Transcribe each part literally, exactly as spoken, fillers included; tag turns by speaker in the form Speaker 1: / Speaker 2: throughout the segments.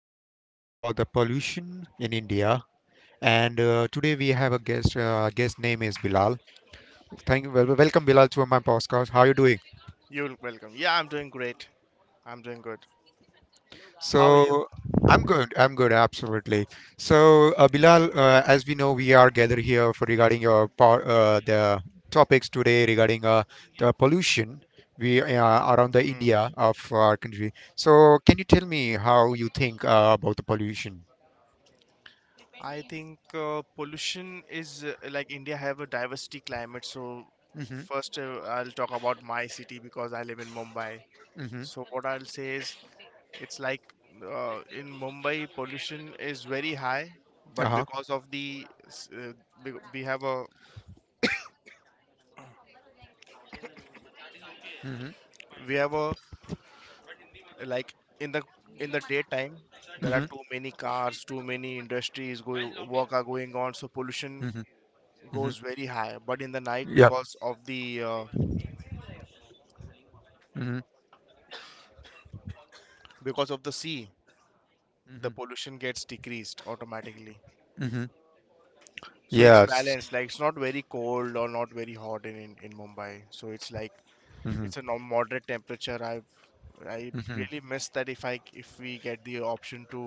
Speaker 1: um about the pollution in India. And uh, today we have a guest. Uh, guest name is Bilal. Thank you. Well, welcome Bilal to my podcast. How are you doing?
Speaker 2: You're welcome. Yeah, I'm doing great. I'm doing good. How are you?
Speaker 1: So I'm good. I'm good. Absolutely. So uh, Bilal, uh, as we know, we are gathered here for regarding your par- uh, the topics today regarding uh, the pollution we uh, around the
Speaker 2: hmm
Speaker 1: India of our country. So can you tell me how you think uh, about the pollution?
Speaker 2: I think uh, pollution is uh, like India have a diversity climate. So
Speaker 1: Mhm.
Speaker 2: first uh, I'll talk about my city because I live in Mumbai.
Speaker 1: Mhm.
Speaker 2: So what I'll say is it's like uh, in Mumbai pollution is very high, but
Speaker 1: Uh-huh.
Speaker 2: because of the s- uh, bec- we have a
Speaker 1: Mhm.
Speaker 2: we have a like in the in the daytime there are
Speaker 1: Mhm.
Speaker 2: too many cars, too many industries going work are going on. So pollution
Speaker 1: Mhm. Mhm.
Speaker 2: goes very high, but in the night
Speaker 1: Yeah.
Speaker 2: because of the uh,
Speaker 1: Mhm.
Speaker 2: because of the sea the
Speaker 1: Mhm.
Speaker 2: pollution gets decreased automatically,
Speaker 1: Mhm.
Speaker 2: so it's
Speaker 1: Yes.
Speaker 2: balanced. Like, it's not very cold or not very hot in in, in Mumbai, so it's like
Speaker 1: Mhm.
Speaker 2: it's a norm- moderate temperature. I i
Speaker 1: Mhm.
Speaker 2: really miss that. If I if we get the option to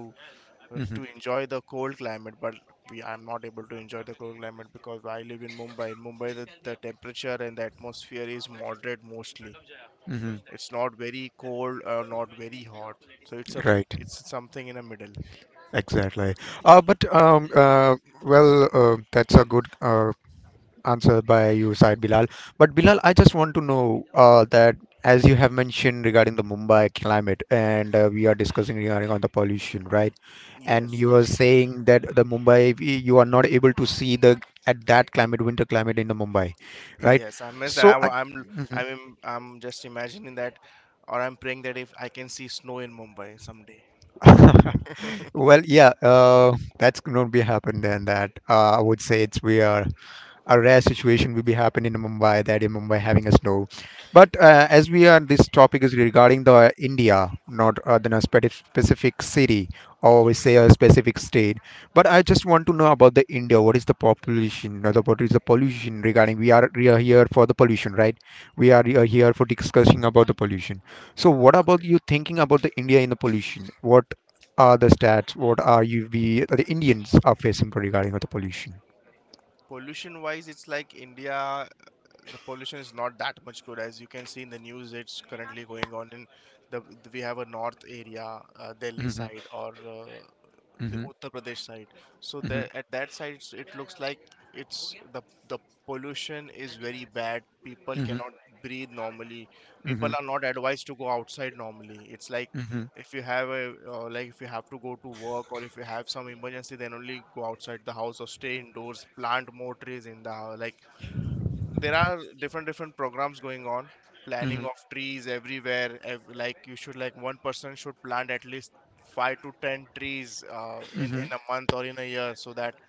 Speaker 2: uh,
Speaker 1: Mhm.
Speaker 2: to enjoy the cold climate, but we I'm not able to enjoy the cold climate because I live in Mumbai. In Mumbai the, the temperature and the atmosphere is moderate mostly.
Speaker 1: Mhm.
Speaker 2: It's not very cold or not very hot. So it's a
Speaker 1: Right.
Speaker 2: it's something in a middle.
Speaker 1: Exactly. Uh, but um, uh, well, uh, that's a good uh, answered by you, side Bilal. But Bilal, I just want to know uh, that as you have mentioned regarding the Mumbai climate, and uh, we are discussing regarding on the pollution, right? And
Speaker 2: Yes,
Speaker 1: you are
Speaker 2: yes,
Speaker 1: saying that the Mumbai, we- you are not able to see the at that climate, winter climate in the Mumbai, right?
Speaker 2: yes. I miss that.
Speaker 1: So,
Speaker 2: I,
Speaker 1: I,
Speaker 2: wa- I'm
Speaker 1: Mhm.
Speaker 2: I'm im- I'm just imagining that, or I'm praying that if I can see snow in Mumbai someday.
Speaker 1: well, yeah, uh, that's going to be happen then. That uh, I would say it's we are a rare situation will be happening in Mumbai, that in Mumbai having a snow. But uh, as we are, this topic is regarding the India, not uh, than a speci- specific city or we say
Speaker 2: Yes,
Speaker 1: a specific state. But I just want to know about the India. What is the population? Or the, what is the pollution regarding? We are, we are here for the pollution, right? We are here here for discussing about the pollution. So what about
Speaker 2: correct.
Speaker 1: you thinking about the India in the pollution? What are the stats? What are you we the Indians are facing regarding with the pollution?
Speaker 2: Pollution wise, it's like India the pollution is not that much good. As you can see in the news, it's currently going on in the we have a north area, uh, Delhi
Speaker 1: Mm-hmm.
Speaker 2: side, or uh, the Uttar Pradesh side. So
Speaker 1: Mhm,
Speaker 2: there, at that side, it's, it looks like it's the the pollution is very bad. People
Speaker 1: mhm,
Speaker 2: cannot breathe normally. People
Speaker 1: mhm,
Speaker 2: are not advised to go outside normally. It's like
Speaker 1: mhm,
Speaker 2: if you have a uh, like if you have to go to work or if you have some emergency, then only go outside the house, or stay indoors, plant more trees in the house. Like, there are different different programs going on, planning
Speaker 1: mhm,
Speaker 2: of trees everywhere. Ev- like you should, like one person should plant at least five to ten trees uh, in
Speaker 1: mhm.
Speaker 2: in a month or in a year, so that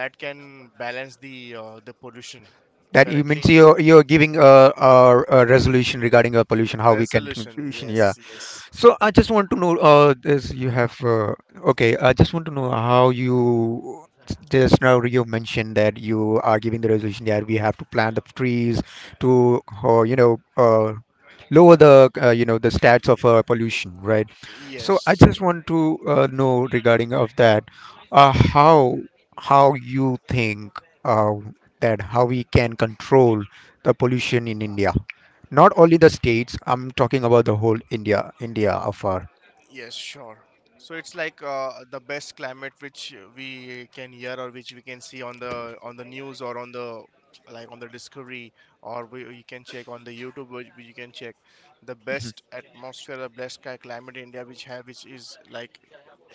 Speaker 2: that can balance the uh, the pollution
Speaker 1: That you means
Speaker 2: currently.
Speaker 1: you're you're giving a, a, a resolution regarding a pollution, how we can,
Speaker 2: Resolution,
Speaker 1: pollution.
Speaker 2: yes,
Speaker 1: Yeah.
Speaker 2: yes.
Speaker 1: So I just want to know, uh, this you have,
Speaker 2: Aram.
Speaker 1: uh, okay, I just want to know how you just now you mentioned that you are giving the resolution that we have to plant the trees to, uh, you know, uh, lower the, uh, you know, the stats of uh, pollution, right? So I
Speaker 2: Yes.
Speaker 1: just want to uh, know regarding of that, uh, how how you think uh, that how we can control the pollution in India. Not only the states, I'm talking about the whole India, India afar.
Speaker 2: Yes, sure. So it's like uh, the best climate which uh, we can hear or which we can see on the on the news or on the like on the Discovery, or we you can check on the YouTube, which which you can check, the best atmosphere, the best ki- climate in India which have, which is like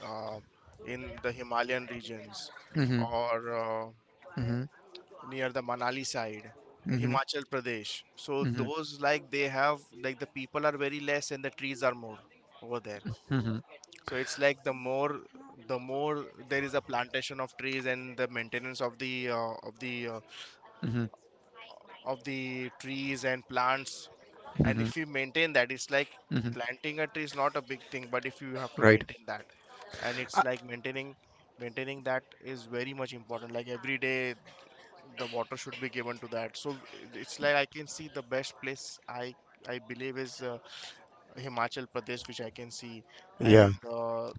Speaker 2: uh, in the Himalayan regions
Speaker 1: Mm-hmm,
Speaker 2: or uh,
Speaker 1: mm-hmm,
Speaker 2: near the Manali side,
Speaker 1: mm-hmm,
Speaker 2: Himachal Pradesh. So
Speaker 1: mm-hmm,
Speaker 2: those like they have like the people are very less and the trees are more over there. So it's like the more the more there is a plantation of trees and the maintenance of the uh, of the uh,
Speaker 1: mm-hmm, mm-hmm,
Speaker 2: of the trees and plants. And
Speaker 1: mm-hmm,
Speaker 2: if we maintain that, it's like
Speaker 1: mm-hmm.
Speaker 2: planting a tree is not a big thing, but if you have to
Speaker 1: Right.
Speaker 2: maintain that, and
Speaker 1: Uh,
Speaker 2: it's like maintaining maintaining that is very much important. Like every day, the water should be given to that. So it's like I can see the best place I I believe is uh, Himachal Pradesh, which I can see,
Speaker 1: yeah,
Speaker 2: and uh,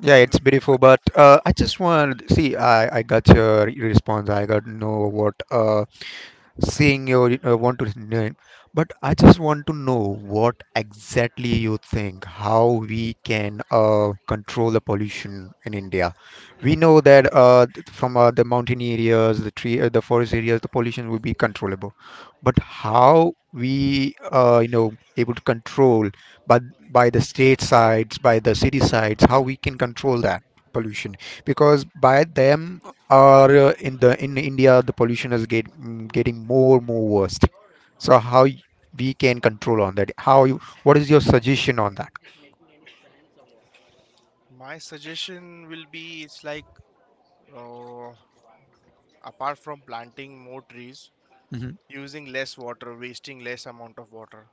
Speaker 1: yeah, it's beautiful, but uh, I just want see. I I got your response. I got know what uh saying you uh, want to name, but I just want to know what exactly you think how we can uh, control the pollution in India. We know that uh, th- from uh, the mountain areas, the tree, uh, the forest areas, the pollution will be controllable, but how we uh, you know able to control by by the state sides, by the city sides, how we can control that pollution because by them or uh, in the in India the pollution is get, mm, getting more more worst. So how y- we can control on that? How you, what is your suggestion on that?
Speaker 2: my suggestion will be it's like uh, apart from planting more trees,
Speaker 1: Mhm,
Speaker 2: using less water, wasting less amount of water,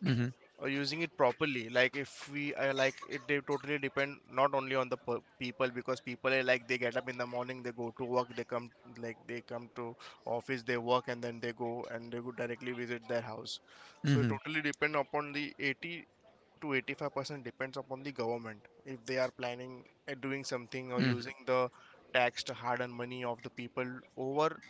Speaker 1: mhm,
Speaker 2: or using it properly. Like, if we uh, like it they totally depend not only on the per- people, because people are like they get up in the morning, they go to work, they come like they come to office, they work, and then they go, and they go directly visit their house. So it
Speaker 1: mhm,
Speaker 2: totally depend upon the eighty to eighty-five percent depends upon the government, if they are planning uh, doing something, or
Speaker 1: mhm,
Speaker 2: using the taxed hard-earned money of the people over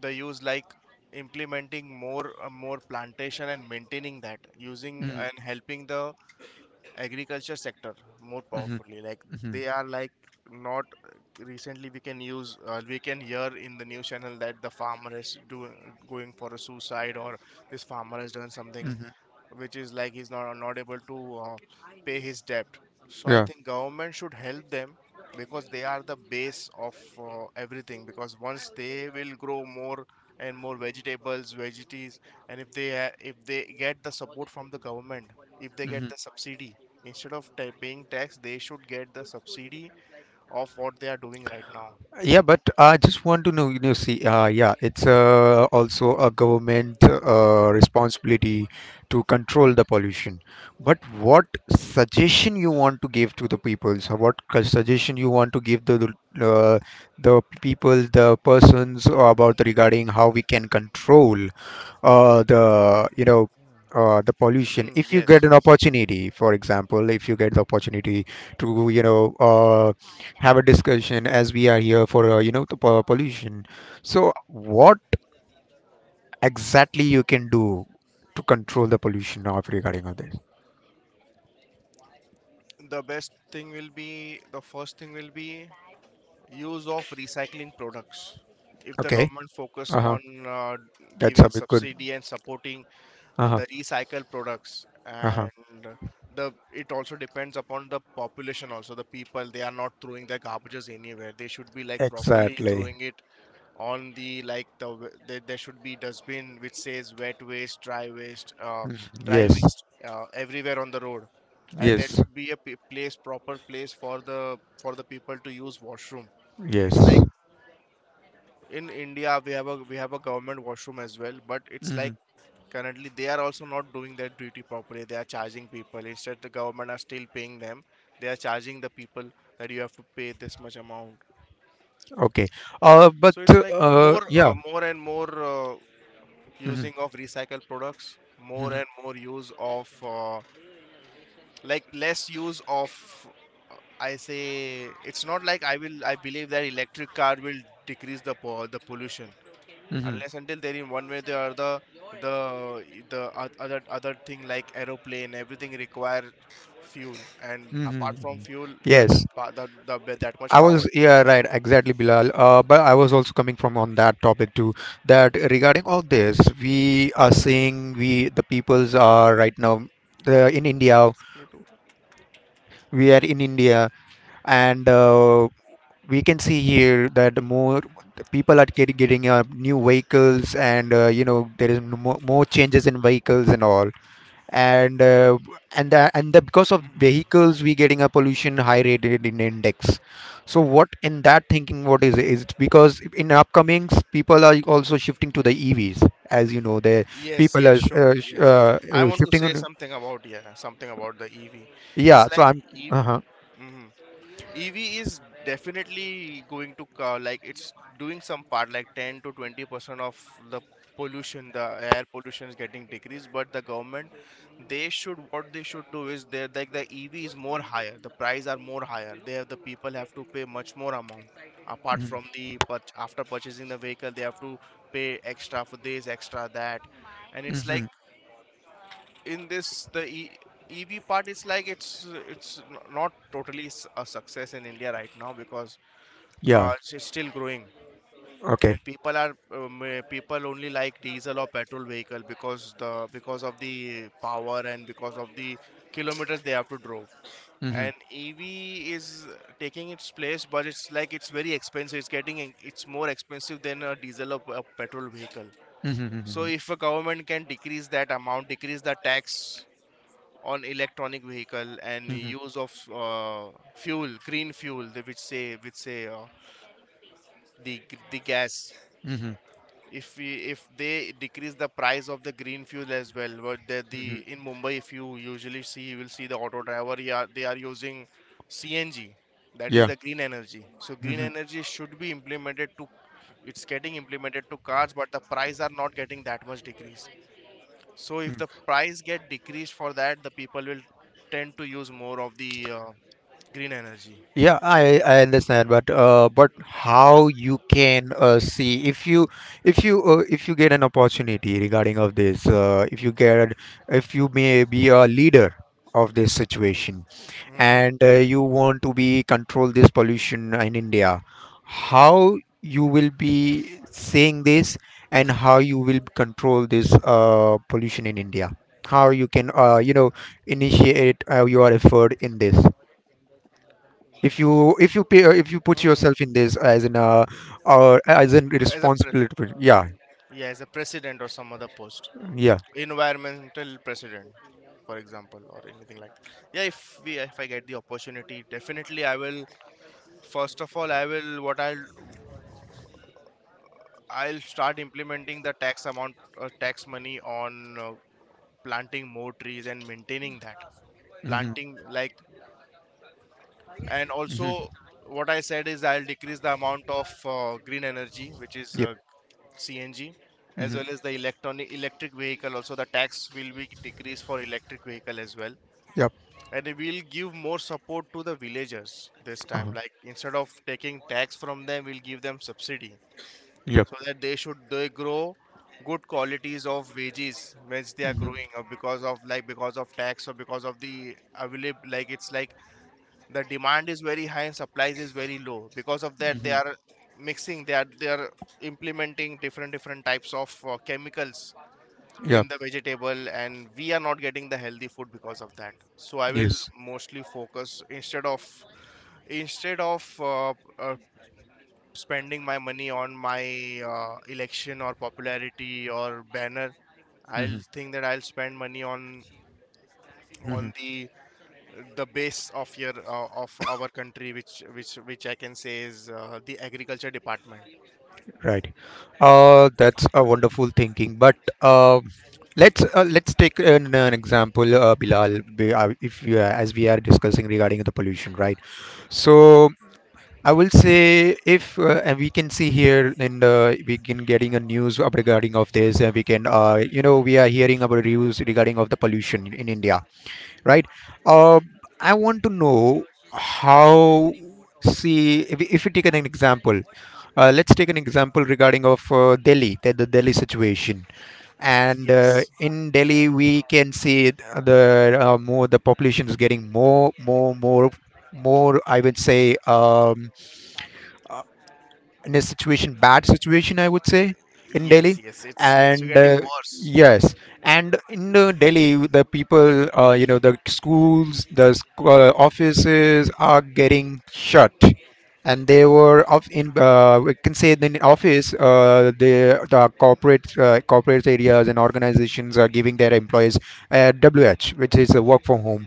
Speaker 2: the use, like implementing more uh, more plantation and maintaining that, using
Speaker 1: mhm,
Speaker 2: and helping the agriculture sector more
Speaker 1: mhm,
Speaker 2: powerfully. Like,
Speaker 1: mhm,
Speaker 2: they are like not recently we can use uh, we can hear in the news channel that the farmer is doing, going for a suicide, or this farmer has done something,
Speaker 1: mhm.
Speaker 2: which is like he's not not able to uh, pay his debt. So I think government should help them, because they are the base of uh, everything. Because once they will grow more and more vegetables, veggies, and if they ha- if they get the support from the government, if they
Speaker 1: Yeah.
Speaker 2: get the subsidy instead of ta paying tax, they should get the subsidy of what they are doing right now.
Speaker 1: Yeah, but I just want to know, you know, see, uh, yeah, it's uh, also a government uh, responsibility to control the pollution. But what suggestion you want to give to the peoples? Or what cu- suggestion you want to give the the, uh, the people, the persons uh, about regarding how we can control uh, the you know uh, the pollution,
Speaker 2: Mm,
Speaker 1: if you
Speaker 2: yes,
Speaker 1: get an
Speaker 2: yes.
Speaker 1: opportunity, for example, if you get the opportunity to you know uh, have a discussion as we are here for uh, you know the po- pollution, so what exactly you can do to control the pollution of regarding of this.
Speaker 2: The best thing will be the first thing will be use of recycling products. If the
Speaker 1: Okay.
Speaker 2: government focus
Speaker 1: Uh-huh.
Speaker 2: on uh,
Speaker 1: That's
Speaker 2: giving
Speaker 1: a big good.
Speaker 2: subsidy and supporting uh,
Speaker 1: Uh-huh.
Speaker 2: the recycled products,
Speaker 1: Uh-huh.
Speaker 2: and uh, the it also depends upon the population. Also, the people they are not throwing their garbages anywhere. They should be like properly
Speaker 1: Exactly.
Speaker 2: throwing it on the like the w- there there should be dustbin which says wet waste, dry waste, uh,
Speaker 1: Mhm.
Speaker 2: dry
Speaker 1: Yes,
Speaker 2: waste uh, everywhere on the road, and there
Speaker 1: yes,
Speaker 2: should be a p- place, proper place for the for the people to use washroom. It's
Speaker 1: yes.
Speaker 2: like in India we have a we have a government washroom as well, but it's like
Speaker 1: Mhm.
Speaker 2: currently they are also not doing their duty properly. They are charging people. Instead the government are still paying them. They are charging the people that you have to pay this much amount.
Speaker 1: Okay. uh but
Speaker 2: So it's like
Speaker 1: uh
Speaker 2: more
Speaker 1: yeah.
Speaker 2: uh, more and more uh,
Speaker 1: Mhm.
Speaker 2: using of recycled products, more
Speaker 1: Mhm.
Speaker 2: and more use of uh, like less use of uh, I say it's not like I will I believe that electric car will decrease the po- the pollution
Speaker 1: Mhm.
Speaker 2: unless until they're in one way or the other the the oth- other other thing like aeroplane everything require fuel. And apart from
Speaker 1: Hmm.
Speaker 2: fuel the the,
Speaker 1: Yes,
Speaker 2: pa- the, the the- that much
Speaker 1: I
Speaker 2: power.
Speaker 1: was, yeah, right, exactly, Bilal. Uh, but I was also coming from on that topic too, that regarding all this, we are seeing we the peoples are right now uh, in India, we are in India, and uh, we can see here that more the people are get, getting uh, new vehicles, and uh, you know, there is no more, more changes in vehicles and all. and uh, and the, and the, because of
Speaker 2: Hmm.
Speaker 1: vehicles we getting a pollution high rated in index. So what in that thinking, what is is it because in upcomings people are also shifting to the EVs, as you know the
Speaker 2: Yes,
Speaker 1: people
Speaker 2: yes,
Speaker 1: are
Speaker 2: sure.
Speaker 1: uh, sh-
Speaker 2: Yes.
Speaker 1: uh, uh,
Speaker 2: I want to
Speaker 1: shifting
Speaker 2: say
Speaker 1: on-
Speaker 2: something about, yeah, something about the E V.
Speaker 1: yeah,
Speaker 2: It's
Speaker 1: so
Speaker 2: like
Speaker 1: I'm. Uh-huh.
Speaker 2: E V, ev is definitely going to co- like it's doing some part like ten to twenty percent of the pollution, the air pollution is getting decreased, but the government, they should what they should do is they like the ev is more higher, the price are more higher, they have the people have to pay much more amount apart
Speaker 1: Mm-hmm.
Speaker 2: from the, but after purchasing the vehicle they have to pay extra for this, extra that, and it's like
Speaker 1: Mm-hmm.
Speaker 2: in this the e- EV part is like it's uh, it's n- not totally s- a success in India right now, because
Speaker 1: Yeah.
Speaker 2: uh, it's it's still growing, and
Speaker 1: Okay.
Speaker 2: people are um, uh, people only like diesel or petrol vehicle because the because of the power and because of the kilometers they have to drove,
Speaker 1: Mm-hmm.
Speaker 2: and E V is taking its place, but it's like it's very expensive, it's getting en- it's more expensive than a diesel or p- a petrol vehicle.
Speaker 1: Mm-hmm.
Speaker 2: So
Speaker 1: Mm-hmm.
Speaker 2: if a government can decrease that amount, decrease the tax on electronic vehicle, and
Speaker 1: Mm-hmm.
Speaker 2: use of uh, fuel, green fuel, they which say which say uh, the g- the gas,
Speaker 1: Mm-hmm.
Speaker 2: if we if they decrease the price of the green fuel as well. But the,
Speaker 1: Mm-hmm.
Speaker 2: the in Mumbai if you usually see you will see the auto driver, yeah, they are using C N G, that is
Speaker 1: Yeah.
Speaker 2: the green energy. So green
Speaker 1: Mm-hmm.
Speaker 2: energy should be implemented to it's getting implemented to cars, but the price are not getting that much decrease. So if
Speaker 1: Mm-hmm.
Speaker 2: the price get decreased for that, the people will tend to use more of the uh, green energy.
Speaker 1: Yeah, I, I understand, but uh, but how you can uh, see if you if you uh, if you get an opportunity regarding of this, uh, if you get if you may be a leader of this situation
Speaker 2: Hmm.
Speaker 1: and uh, you want to be control this pollution in India, how you will be saying this and how you will control this uh, pollution in India, how you can uh, you know initiate uh, your effort in this if you if you pay uh, if you put yourself
Speaker 2: Hmm.
Speaker 1: in this as in uh or as in
Speaker 2: As a pre-
Speaker 1: responsibility. Yeah.
Speaker 2: yeah, as a president or some other post,
Speaker 1: Yeah.
Speaker 2: environmental president, for example, or anything like that. Yeah, if we if I get the opportunity, definitely I will. First of all, I will what I'll I'll start implementing the tax amount, uh, tax money on uh, planting more trees and maintaining that.
Speaker 1: Hmm.
Speaker 2: Planting, like, and also
Speaker 1: Hmm.
Speaker 2: what I said is I'll decrease the amount of uh, green energy, which is
Speaker 1: Yep.
Speaker 2: uh, CNG, as
Speaker 1: Hmm.
Speaker 2: well as the electronic electric vehicle. Also the tax will be decreased for electric vehicle as well,
Speaker 1: Yep.
Speaker 2: and we will give more support to the villagers this time.
Speaker 1: Uh.
Speaker 2: Like, instead of taking tax from them, we'll give them subsidy
Speaker 1: Yep.
Speaker 2: so that they should they grow good qualities of veggies which they are
Speaker 1: Hmm.
Speaker 2: growing. Or because of, like, because of tax or because of the available, like, it's like the demand is very high and supply is very low. Because of that, they
Speaker 1: Hmm.
Speaker 2: are mixing they are they are implementing different different types of uh, chemicals
Speaker 1: Yep.
Speaker 2: in the vegetable, and we are not getting the healthy food because of that. So I will
Speaker 1: Yes.
Speaker 2: mostly focus, instead of instead of uh, uh, spending my money on my uh, election or popularity or banner, I'll
Speaker 1: Hmm.
Speaker 2: think that I'll spend money on
Speaker 1: Hmm.
Speaker 2: on the the base of your uh, of our country, which which which I can say is uh, the agriculture department.
Speaker 1: Right. uh that's a wonderful thinking, but um let's, uh, let's take an, an example, uh, bilal be- uh, if you, uh, as we are discussing regarding the pollution, right? So I will say if uh, and we can see here and uh, we can getting a news up regarding of this, and we can uh, you know we are hearing about reviews regarding of the pollution in India, right? uh, I want to know how see if, we- if we take an example, uh, let's take an example regarding of uh, Delhi, the, the Delhi situation. And uh,
Speaker 2: Yes,
Speaker 1: in Delhi we can see th- the uh, more the population is getting more more more more, I would say um, in a situation, bad situation I would say, in Delhi.
Speaker 2: yes, yes, it's it's
Speaker 1: And
Speaker 2: getting
Speaker 1: uh,
Speaker 2: worse.
Speaker 1: yes, and in uh, Delhi the people uh, you know the schools, the sc- uh, offices are getting shut, and they were of in uh, we can say in office uh, the the corporate uh, corporate areas and organizations are giving their employees uh, wh which is a work from home.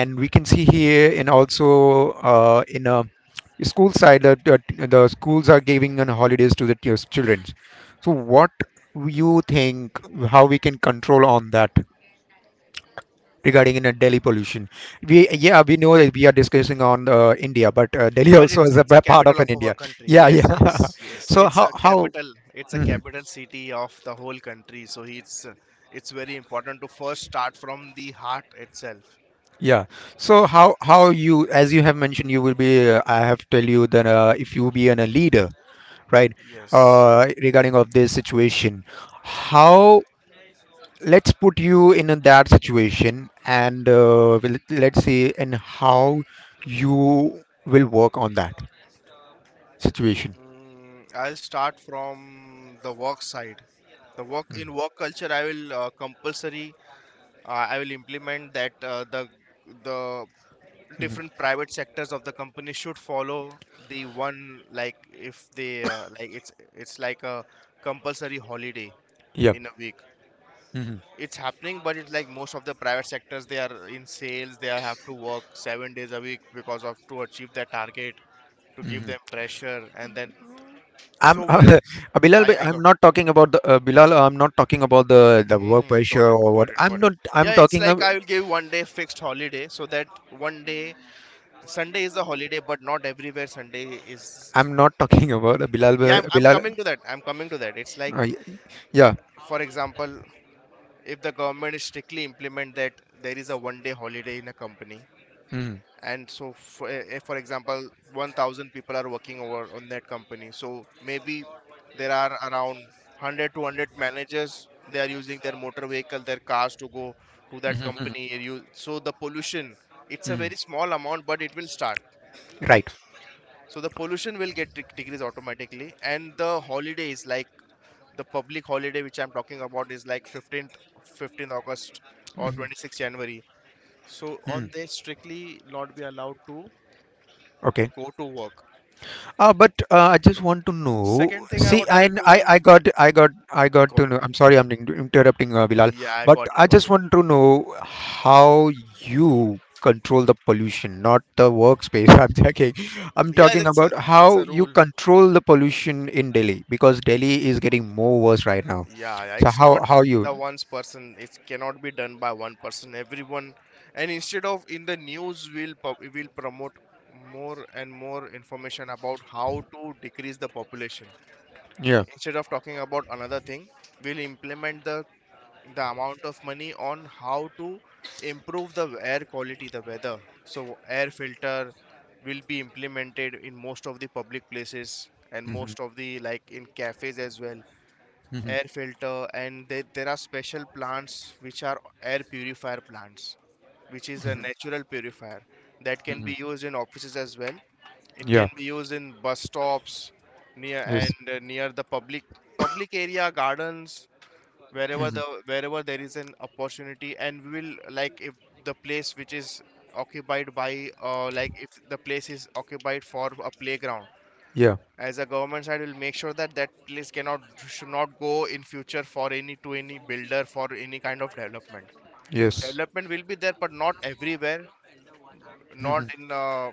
Speaker 1: And we can see here in also uh, in a school side, the, the, the schools are giving on holidays to the t- children. So what you think how we can control on that regarding in a Delhi pollution? We yeah we know that we are discussing on uh, India, but uh, Delhi
Speaker 2: But
Speaker 1: also
Speaker 2: it's
Speaker 1: is a
Speaker 2: it's a
Speaker 1: pa- part of
Speaker 2: capital
Speaker 1: an
Speaker 2: of our
Speaker 1: India.
Speaker 2: country.
Speaker 1: Yeah,
Speaker 2: Yes,
Speaker 1: yeah,
Speaker 2: yes, yes,
Speaker 1: so
Speaker 2: it's
Speaker 1: how
Speaker 2: a
Speaker 1: how.
Speaker 2: capital, it's a
Speaker 1: Mhm.
Speaker 2: capital city of the whole country, so it's uh, it's very important to first start from the heart itself.
Speaker 1: Yeah, so how how you, as you have mentioned, you will be uh, I have tell you that uh, if you be an, a leader, right,
Speaker 2: Yes.
Speaker 1: uh, regarding of this situation, how, let's put you in a- that situation, and uh, well, let's see and how you will work on that situation.
Speaker 2: Mm, I'll start from the work side. The work in
Speaker 1: Mm-hmm.
Speaker 2: work culture, I will uh, compulsory uh, I will implement that uh, the the different
Speaker 1: Mm-hmm.
Speaker 2: private sectors of the company should follow the one. Like, if they uh, like, it's it's like a compulsory holiday
Speaker 1: Yeah.
Speaker 2: in a week.
Speaker 1: Hmm.
Speaker 2: It's happening, but it's like most of the private sectors, they are in sales, they have to work seven days a week because of to achieve their target, to give
Speaker 1: Hmm.
Speaker 2: them pressure. And then
Speaker 1: I'm
Speaker 2: so where
Speaker 1: uh, bilal
Speaker 2: i
Speaker 1: but
Speaker 2: i
Speaker 1: I'm
Speaker 2: got,
Speaker 1: not talking about the uh, Bilal, I'm not talking about the the work
Speaker 2: hmm,
Speaker 1: pressure
Speaker 2: got it,
Speaker 1: or what,
Speaker 2: got it,
Speaker 1: I'm
Speaker 2: got it.
Speaker 1: not, I'm
Speaker 2: Yeah, it's
Speaker 1: talking
Speaker 2: like
Speaker 1: ab-
Speaker 2: I will give one day fixed holiday, so that one day Sunday is a holiday, but not everywhere Sunday is.
Speaker 1: I'm not talking about uh, Bilal,
Speaker 2: Yeah, I'm,
Speaker 1: but-
Speaker 2: I'm
Speaker 1: Bilal,
Speaker 2: coming to that. I'm coming to that. It's like,
Speaker 1: uh, y- yeah.
Speaker 2: for example, if the government is strictly implement that there is a one day holiday in a company, and so for, eh, eh, for example, one thousand people are working over on that company. So maybe there are around 100 to one hundred managers, they are using their motor vehicle, their cars to go to that
Speaker 1: Mm-hmm.
Speaker 2: company. You- so the pollution, it's a
Speaker 1: Hmm.
Speaker 2: very small amount, but it will start.
Speaker 1: Right.
Speaker 2: So the pollution will get dec- decreased automatically. And the holidays, like the public holiday which I'm talking about, is like 15th fifteenth August or
Speaker 1: Hmm.
Speaker 2: twenty-sixth January, so on they strictly not be allowed to
Speaker 1: Hmm.
Speaker 2: go to work.
Speaker 1: Uh, but uh, I just want to know.
Speaker 2: Second thing I
Speaker 1: See,
Speaker 2: what
Speaker 1: I,
Speaker 2: I'll do
Speaker 1: I,
Speaker 2: is,
Speaker 1: I got, I got, I got
Speaker 2: got
Speaker 1: to know.
Speaker 2: it.
Speaker 1: I'm sorry, I'm in- interrupting, uh, Bilal.
Speaker 2: Yeah, I
Speaker 1: But
Speaker 2: got it,
Speaker 1: I
Speaker 2: got
Speaker 1: just
Speaker 2: it.
Speaker 1: want to know how you control the pollution, not the workspace. I'm talking, I'm
Speaker 2: Yeah,
Speaker 1: talking
Speaker 2: that's a,
Speaker 1: about
Speaker 2: it's
Speaker 1: how
Speaker 2: a
Speaker 1: you
Speaker 2: rule.
Speaker 1: control the pollution in Delhi, because Delhi is getting more worse right now.
Speaker 2: Yeah, yeah,
Speaker 1: So
Speaker 2: it's
Speaker 1: how,
Speaker 2: not
Speaker 1: how you?
Speaker 2: the one's person. It cannot be done by one person. Everyone, and instead of in the news, will will promote more and more information about how to decrease the population.
Speaker 1: Yeah.
Speaker 2: Instead of talking about another thing, we'll implement the the amount of money on how to improve the air quality, the weather. So, air filter will be implemented in most of the public places and
Speaker 1: Hmm.
Speaker 2: most of the, like, in cafes as well.
Speaker 1: Hmm.
Speaker 2: Air filter, and they, there are special plants which are air purifier plants, which is a natural purifier that can
Speaker 1: Hmm.
Speaker 2: be used in offices as well. It
Speaker 1: Yeah.
Speaker 2: can be used in bus stops near
Speaker 1: Yes.
Speaker 2: and uh, near the public public area, gardens, wherever
Speaker 1: Hmm.
Speaker 2: the wherever there is an opportunity. And we will, like, if the place which is occupied by uh, like, if the place is occupied for a playground,
Speaker 1: Yeah.
Speaker 2: as a government side will make sure that that place cannot, should not go in future for any to any builder for any kind of development.
Speaker 1: Yes.
Speaker 2: Development will be there, but not everywhere, not
Speaker 1: Hmm.
Speaker 2: in uh,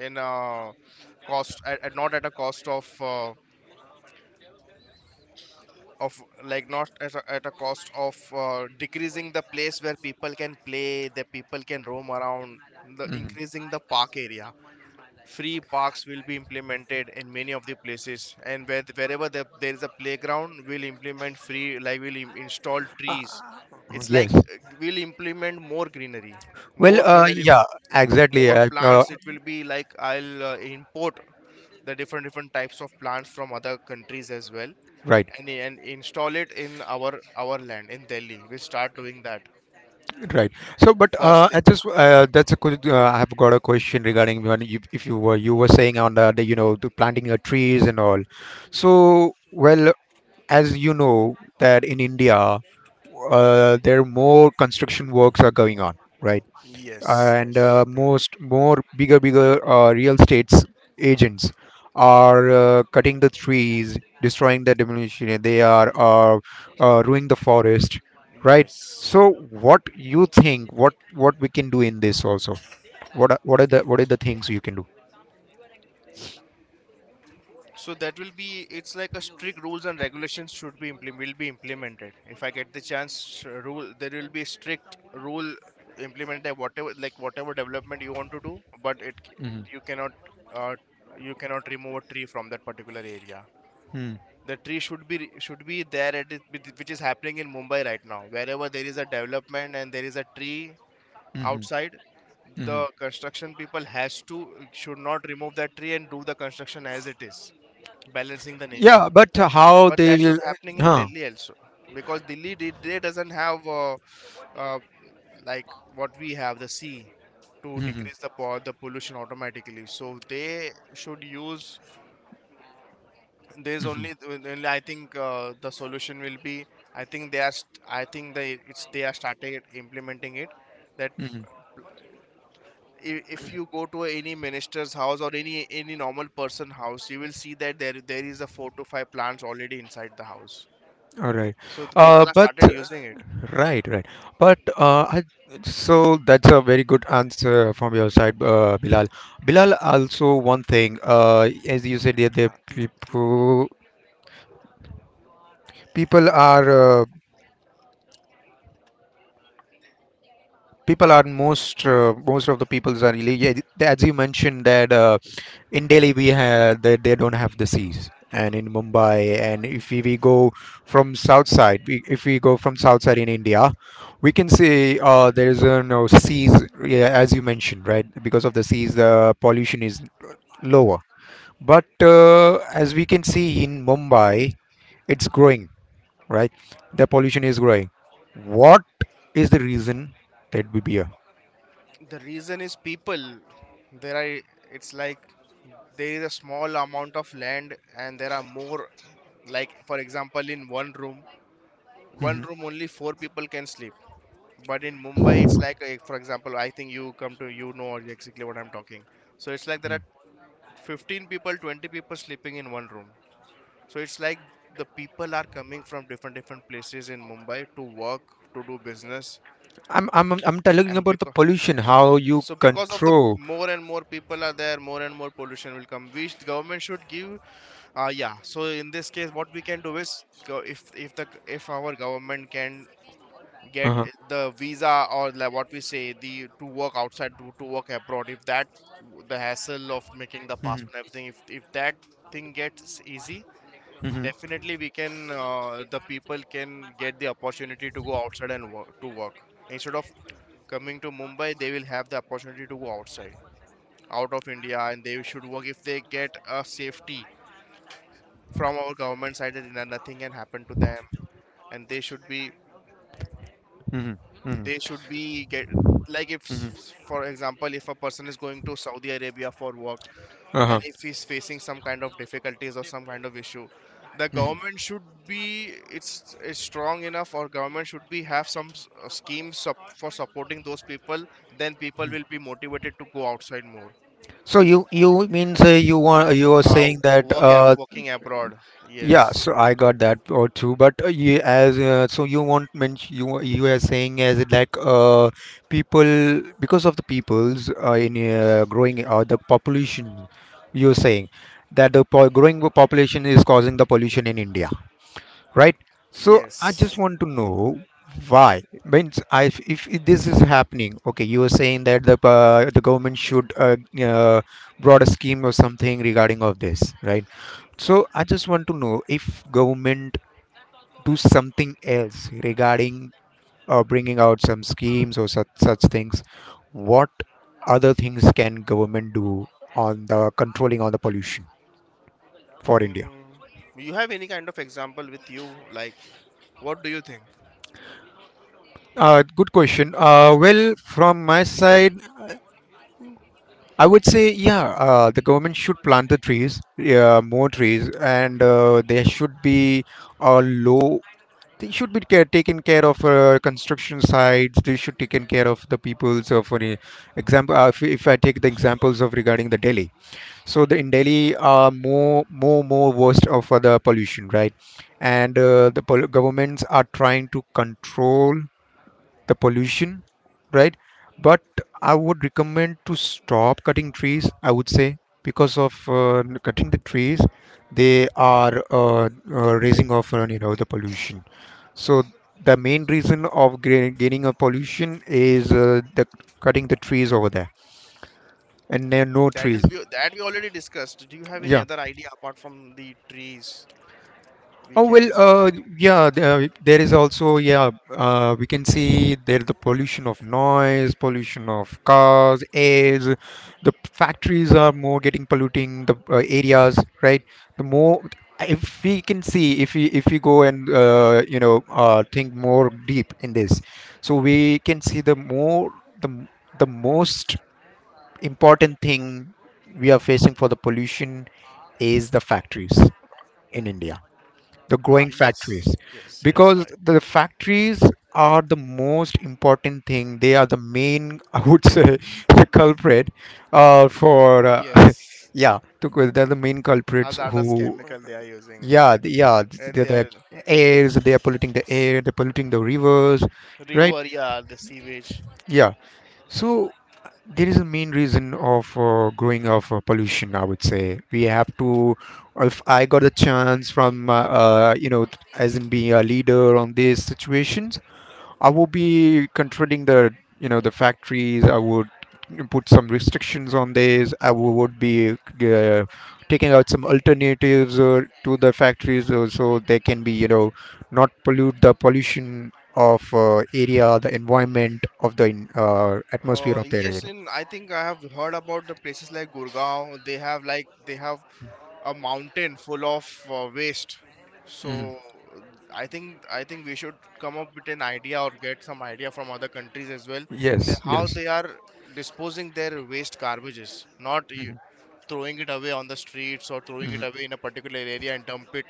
Speaker 2: in uh, cost at, at- not at a cost of uh, of, like, not at a, at a cost of uh, decreasing the place where people can play, the people can roam around, the
Speaker 1: Hmm.
Speaker 2: increasing the park area. Free parks will be implemented in many of the places, and where, wherever there there is a playground, we'll implement free, like, we'll im- install
Speaker 1: Uh,
Speaker 2: trees. It's like
Speaker 1: yes.
Speaker 2: uh, we'll implement more greenery,
Speaker 1: Well,
Speaker 2: more
Speaker 1: uh,
Speaker 2: greenery,
Speaker 1: yeah, exactly.
Speaker 2: more
Speaker 1: Uh, uh,
Speaker 2: plants. It will be like, I'll uh, import the different different types of plants from other countries as well,
Speaker 1: right,
Speaker 2: and, and install it in our our land in Delhi. We'll start doing that
Speaker 1: right. So, but
Speaker 2: first
Speaker 1: uh, I
Speaker 2: thing.
Speaker 1: just uh, that's a good. Uh, I have got a question regarding when you, if you were you were saying on the, the you know the planting your trees and all. So, well, as you know that in India, uh, there are more construction works are going on, right?
Speaker 2: Yes,
Speaker 1: And uh,
Speaker 2: yes. Correct.
Speaker 1: most more bigger bigger uh, real estates agents are uh, cutting the trees, destroying, the demolition, they are uh, uh, ruining the forest, right?
Speaker 2: Yes.
Speaker 1: So what you think, what what we can do in this also, what are, what are the what are the things you can do?
Speaker 2: So that will be, it's like a strict rules and regulations should be implement, will be implemented. If I get the chance, uh, rule there will be a strict rule implemented that whatever, like, whatever development you want to do, but it c-
Speaker 1: Hmm.
Speaker 2: you cannot uh, you cannot remove a tree from that particular area.
Speaker 1: Hmm.
Speaker 2: The tree should be should be there at it, which which is happening in Mumbai right now. Wherever there is a development and there is a tree
Speaker 1: Hmm.
Speaker 2: outside,
Speaker 1: Hmm.
Speaker 2: the construction people has to, should not remove that tree and do the construction as it is, balancing the nature.
Speaker 1: Yeah, but how
Speaker 2: But
Speaker 1: they
Speaker 2: that should
Speaker 1: will.
Speaker 2: happening in
Speaker 1: Huh.
Speaker 2: Delhi also, because Delhi did- they doesn't have uh, uh, like, what we have, the sea to
Speaker 1: Hmm.
Speaker 2: decrease the po- the pollution automatically. So they should use, there's
Speaker 1: Hmm.
Speaker 2: only, only I think uh, the solution will be, I think they are st- I think they it's, they are started implementing it. That
Speaker 1: Hmm.
Speaker 2: I- if you go to any minister's house or any any normal person house, you will see that there there is a four to five plants already inside the house.
Speaker 1: All right.
Speaker 2: So the people
Speaker 1: uh,
Speaker 2: have
Speaker 1: but
Speaker 2: started using it.
Speaker 1: right, right. But uh, I, so that's a very good answer from your side, uh, Bilal. Bilal, also one thing, uh, as you said, that the
Speaker 2: Ah, Tirap, Tirap.
Speaker 1: people people are uh, people are most uh, most of the peoples are really yeah, th- as you mentioned that uh, in Delhi we have they, they don't have the seas, and in Mumbai, and if we, we go from south side, we, if we go from south side in India, we can say uh, there is uh, no seas, yeah, as you mentioned, right? Because of the seas the pollution is lower, but uh, as we can see in Mumbai it's growing, right? The pollution is growing. What is the reason that would be
Speaker 2: The reason is people. There are, it's like there is a small amount of land and there are more, like for example in one room, one
Speaker 1: here?
Speaker 2: room only four people can sleep. But in Mumbai, it's like uh, for example, I think you come to, you know exactly what I'm talking. So it's like there
Speaker 1: Mhm.
Speaker 2: are fifteen people, twenty people sleeping in one room. So it's like the people are coming from different different places in Mumbai to work, to do business,
Speaker 1: I'm I'm I'm I'm talking
Speaker 2: and
Speaker 1: about the
Speaker 2: because,
Speaker 1: pollution, how you
Speaker 2: so because of the
Speaker 1: control.
Speaker 2: more and more people are there, more and more pollution will come. Which the government should give. Uh, yeah. So in this case, what we can do is go- if if the if our government can get
Speaker 1: Uh-huh.
Speaker 2: the visa, or like what we say, the to work outside, to, to work abroad, if that the hassle of making the
Speaker 1: Mhm.
Speaker 2: passport and everything, if if that thing gets easy.
Speaker 1: Mhm.
Speaker 2: Definitely, we can. Uh, the people can get the opportunity to go outside and work, to work instead of coming to Mumbai. They will have the opportunity to go outside, out of India, and they should work if they get a safety from our government side that no- nothing can happen to them, and they should be,
Speaker 1: Mhm. Mhm.
Speaker 2: they should be get like, if
Speaker 1: Mhm.
Speaker 2: s- for example, if a person is going to Saudi Arabia for work
Speaker 1: Uh-huh.
Speaker 2: and if he's facing some kind of difficulties or some kind of issue, the
Speaker 1: Mhm.
Speaker 2: government should be, it's, it's strong enough, or government should be have some s- uh, schemes sup- for supporting those people, then people will be motivated to go outside more.
Speaker 1: So you you means uh, you want you are
Speaker 2: Uh,
Speaker 1: saying that
Speaker 2: work ab-
Speaker 1: uh
Speaker 2: working abroad.
Speaker 1: yeah,
Speaker 2: Yes,
Speaker 1: so I got that or too, but uh, you as uh, so you want mention you wa- you are saying as it like uh people, because of the peoples uh, in uh, growing or the population, you're saying that the po growing population is causing the pollution in India, right? So I just
Speaker 2: yes.
Speaker 1: want to know why. Means, s- I, if, if this is happening, okay, you are saying that the uh, the government should uh, uh, brought a scheme or something regarding of this, right? So I just want to know, if government do something else regarding uh, bringing out some schemes or such such things, what other things can government do on the controlling on the pollution for India?
Speaker 2: Mm. You have any kind of example with you, like, what do you think?
Speaker 1: Uh, good question. Uh, well, from my side, I would say, yeah, uh, the government should plant the trees, yeah, more trees, and uh, there should be a low. They should be care, taken care of uh, construction sites. They should taken care of the people. So, for e- example, uh, if, if I take the examples of regarding the Delhi, so the in Delhi are more more more worst of uh, the pollution, right? And uh, the pol- governments are trying to control the pollution, right? But I would recommend to stop cutting trees, I would say, because of uh, cutting the trees they are uh, uh, raising of uh, you know the pollution. So the main reason of gra- gaining a pollution is uh, the cutting the trees over there, and there are
Speaker 2: That is
Speaker 1: no
Speaker 2: we
Speaker 1: trees,
Speaker 2: that we already discussed. Do you have any other
Speaker 1: yeah.
Speaker 2: idea apart from the trees? We
Speaker 1: Oh
Speaker 2: can.
Speaker 1: well, uh, yeah. There, there is also yeah. Uh, we can see there the pollution of noise, pollution of cars, airs. The factories are more getting polluting the uh, areas, right? The more, if we can see, if we if we go and uh, you know uh, think more deep in this, so we can see the more the m- the most important thing we are facing for the pollution is the factories in India, the
Speaker 2: Uh,
Speaker 1: growing
Speaker 2: yes,
Speaker 1: factories,
Speaker 2: yes, yes. I.
Speaker 1: because the
Speaker 2: Mm.
Speaker 1: factories are the most important thing, they are the main I would say the culprit uh, for uh,
Speaker 2: Yes,
Speaker 1: yeah to, they're the main culprits
Speaker 2: hazardous
Speaker 1: who,
Speaker 2: chemical they are using,
Speaker 1: yeah th- yeah th-
Speaker 2: and
Speaker 1: they're
Speaker 2: they
Speaker 1: the
Speaker 2: are,
Speaker 1: airs, they are polluting the air, they're polluting the rivers, right,
Speaker 2: river, yeah, the sewage.
Speaker 1: yeah. So there is a main reason of uh, growing of uh, pollution, I would say. We have to, if I got a chance from, uh, uh, you know, t- as in being a leader on these situations, I would be controlling the, you know, the factories. I would put some restrictions on this. I wou- would be uh, taking out some alternatives uh, to the factories uh, so they can be, you know, not pollute the pollution of uh, area, the environment of the in- uh,
Speaker 2: Uh,
Speaker 1: atmosphere of the area.
Speaker 2: yes, in, I think I have heard about the places like Gurgaon. They have like they have a mountain full of uh, waste. So
Speaker 1: Hmm.
Speaker 2: uh, i think i think we should come up with an idea or get some idea from other countries as well, that
Speaker 1: Yes,
Speaker 2: how
Speaker 1: yes.
Speaker 2: they are disposing their waste garbages, not y-
Speaker 1: Hmm.
Speaker 2: throwing it away on the streets or throwing it
Speaker 1: Hmm.
Speaker 2: away in a particular area and dump it,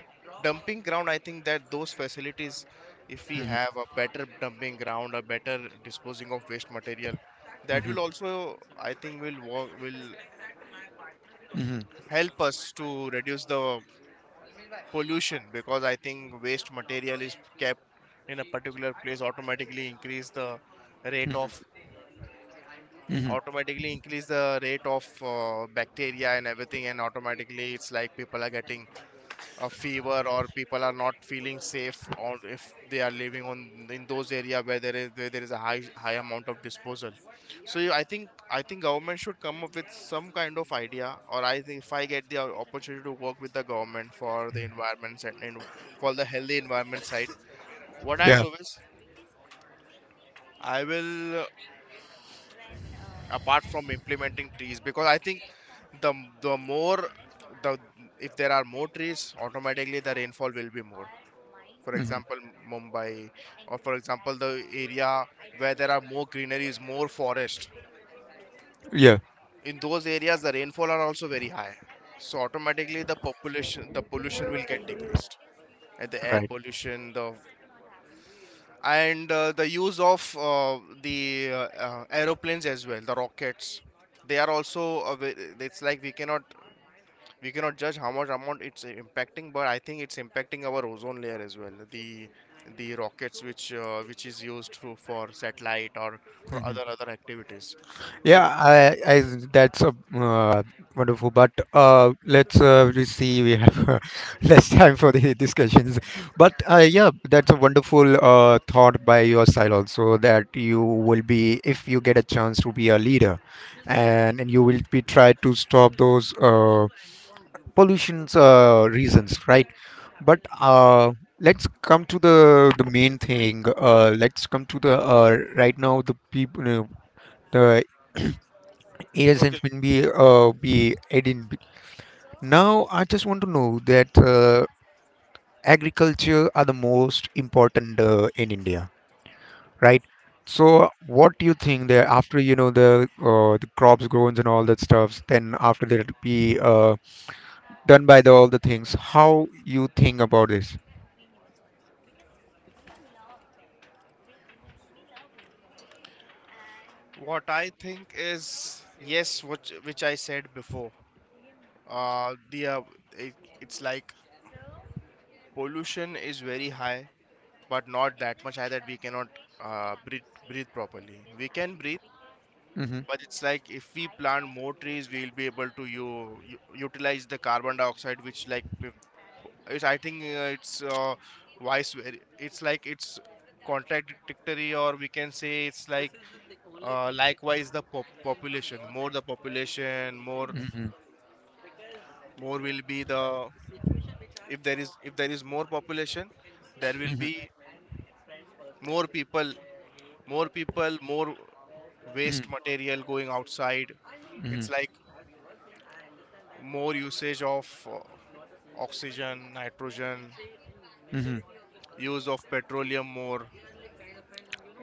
Speaker 2: dumping ground. I think that those facilities, if we
Speaker 1: Hmm.
Speaker 2: have a better dumping ground, a better disposing of waste material, that
Speaker 1: Hmm.
Speaker 2: will also, I think, will work, will
Speaker 1: Hmm.
Speaker 2: help us to reduce the pollution. Because I think waste material is kept in a particular place, automatically increase the rate of,
Speaker 1: Hmm.
Speaker 2: automatically increase the rate of uh, bacteria and everything, and automatically it's like people are getting a fever or people are not feeling safe, or if they are living on in those area where there is, where there is a high high amount of disposal. So you- i think i think government should come up with some kind of idea, or I think if I get the opportunity to work with the government for the environment and and for the healthy environment side, what I'll
Speaker 1: Yeah.
Speaker 2: do is, I will uh, apart from implementing trees, because I think the the more the if there are more trees automatically the rainfall will be more. For
Speaker 1: Hmm.
Speaker 2: example, Mumbai, or for example the area where there are more greeneries, more forest,
Speaker 1: Yeah.
Speaker 2: in those areas the rainfall are also very high. So automatically the population, the pollution will get decreased, and the air
Speaker 1: Right.
Speaker 2: pollution, the and uh, the use of uh, the uh, uh, aeroplanes as well, the rockets, they are also a ve- it's like we cannot, we cannot judge how much amount it's impacting, but I think it's impacting our ozone layer as well, the the rockets which uh, which is used for, for satellite or for
Speaker 1: Hmm.
Speaker 2: other other activities,
Speaker 1: Yeah.
Speaker 2: if.
Speaker 1: I. I. That's a uh, wonderful. But uh, let's uh, we see. We have uh, less time for the discussions. But uh, yeah, that's a wonderful uh, thought by your side also, that you will be, if you get a chance to be a leader, and and you will be try to stop those uh, pollution's uh, reasons, right? But uh, let's come to the the main thing. Uh, let's come to the uh, right now the people. You the air has
Speaker 2: Okay.
Speaker 1: been be uh, be adding. Now I just want to know that uh, agriculture are the most important uh, in India, right? So what do you think, that after you know the uh, the crops grown and all that stuffs, then after that it'll be uh, done by the all the things, how you think about this?
Speaker 2: What I think is, yes, which which I said before, uh the uh, it, it's like pollution is very high, but not that much high that we cannot uh, breathe, breathe properly, we can breathe.
Speaker 1: Hmm.
Speaker 2: But it's like if we plant more trees, we'll be able to u- u- utilize the carbon dioxide, which, like if- it's, I think uh, it's uh, vice ver- it's like it's contradictory, or we can say it's like uh, likewise the pop- population more, the population more,
Speaker 1: Hmm.
Speaker 2: more will be the, if there is, if there is more population, there will
Speaker 1: Hmm
Speaker 2: be
Speaker 1: like.
Speaker 2: more people, more people, more
Speaker 1: Hmm.
Speaker 2: waste material going outside.
Speaker 1: Hmm.
Speaker 2: It's like more usage of uh, oxygen, nitrogen,
Speaker 1: Hmm.
Speaker 2: use of petroleum more.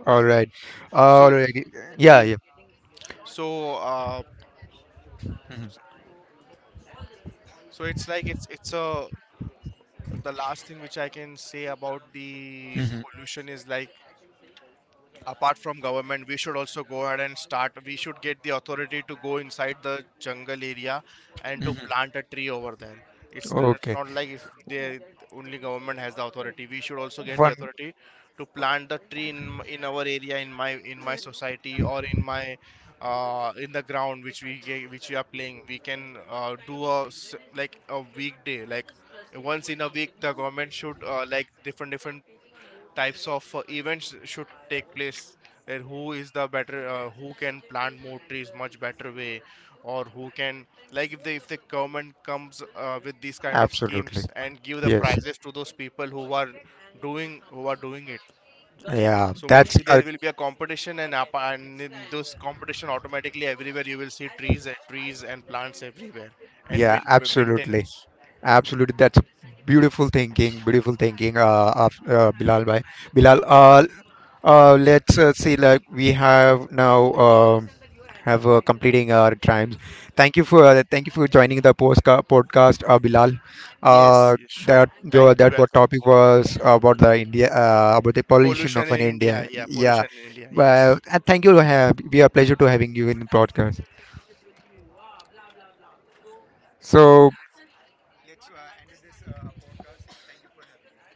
Speaker 1: All right.
Speaker 2: So
Speaker 1: All
Speaker 2: uh,
Speaker 1: right. Yeah,
Speaker 2: we,
Speaker 1: yeah.
Speaker 2: so uh,
Speaker 1: Hmm.
Speaker 2: so it's like it's it's a, the last thing which I can say about the
Speaker 1: Hmm.
Speaker 2: pollution is like, apart from government, we should also go ahead and start, we should get the authority to go inside the jungle area and to
Speaker 1: Hmm.
Speaker 2: plant a tree over there. it's, it's
Speaker 1: Okay.
Speaker 2: not like if the only government has the authority, we should also get the
Speaker 1: One,
Speaker 2: authority to plant the tree in, in our area, in my, in my society, or in my uh, in the ground which we ga- which we are playing. We can uh, do a s- like a weekday, like once in a week the government should uh, like different different types of uh, events should take place, and who is the better uh, who can plant more trees much better way, or who can, like, if the if the government comes uh, with these kind of
Speaker 1: absolutely.
Speaker 2: schemes and give the
Speaker 1: Yes.
Speaker 2: prizes to those people who are doing, who are doing it.
Speaker 1: Yeah,
Speaker 2: So
Speaker 1: that's
Speaker 2: mostly there
Speaker 1: a,
Speaker 2: will be a competition, and up, and in this competition automatically everywhere you will see trees and trees and plants everywhere, and
Speaker 1: yeah,
Speaker 2: will b-
Speaker 1: absolutely.
Speaker 2: maintenance.
Speaker 1: Absolutely, that's a beautiful thinking, beautiful thinking, uh, of uh, Bilal bhai. Bilal, uh, uh, let's uh, see, like we have now um have uh, completing our times. Thank you for uh, thank you for joining the postca- podcast, uh, Bilal.
Speaker 2: Yes,
Speaker 1: Uh,
Speaker 2: yes, sure.
Speaker 1: that
Speaker 2: Thank,
Speaker 1: your that what
Speaker 2: welcome.
Speaker 1: topic was about the India uh, about the pollution of
Speaker 2: Pollution in
Speaker 1: an
Speaker 2: India,
Speaker 1: India.
Speaker 2: yeah,
Speaker 1: Yeah,
Speaker 2: pollution in India, yes.
Speaker 1: well, and thank you. Uh, we are pleasure to having you in the podcast. So let's uh, end this uh, our podcast. Thank you for having it.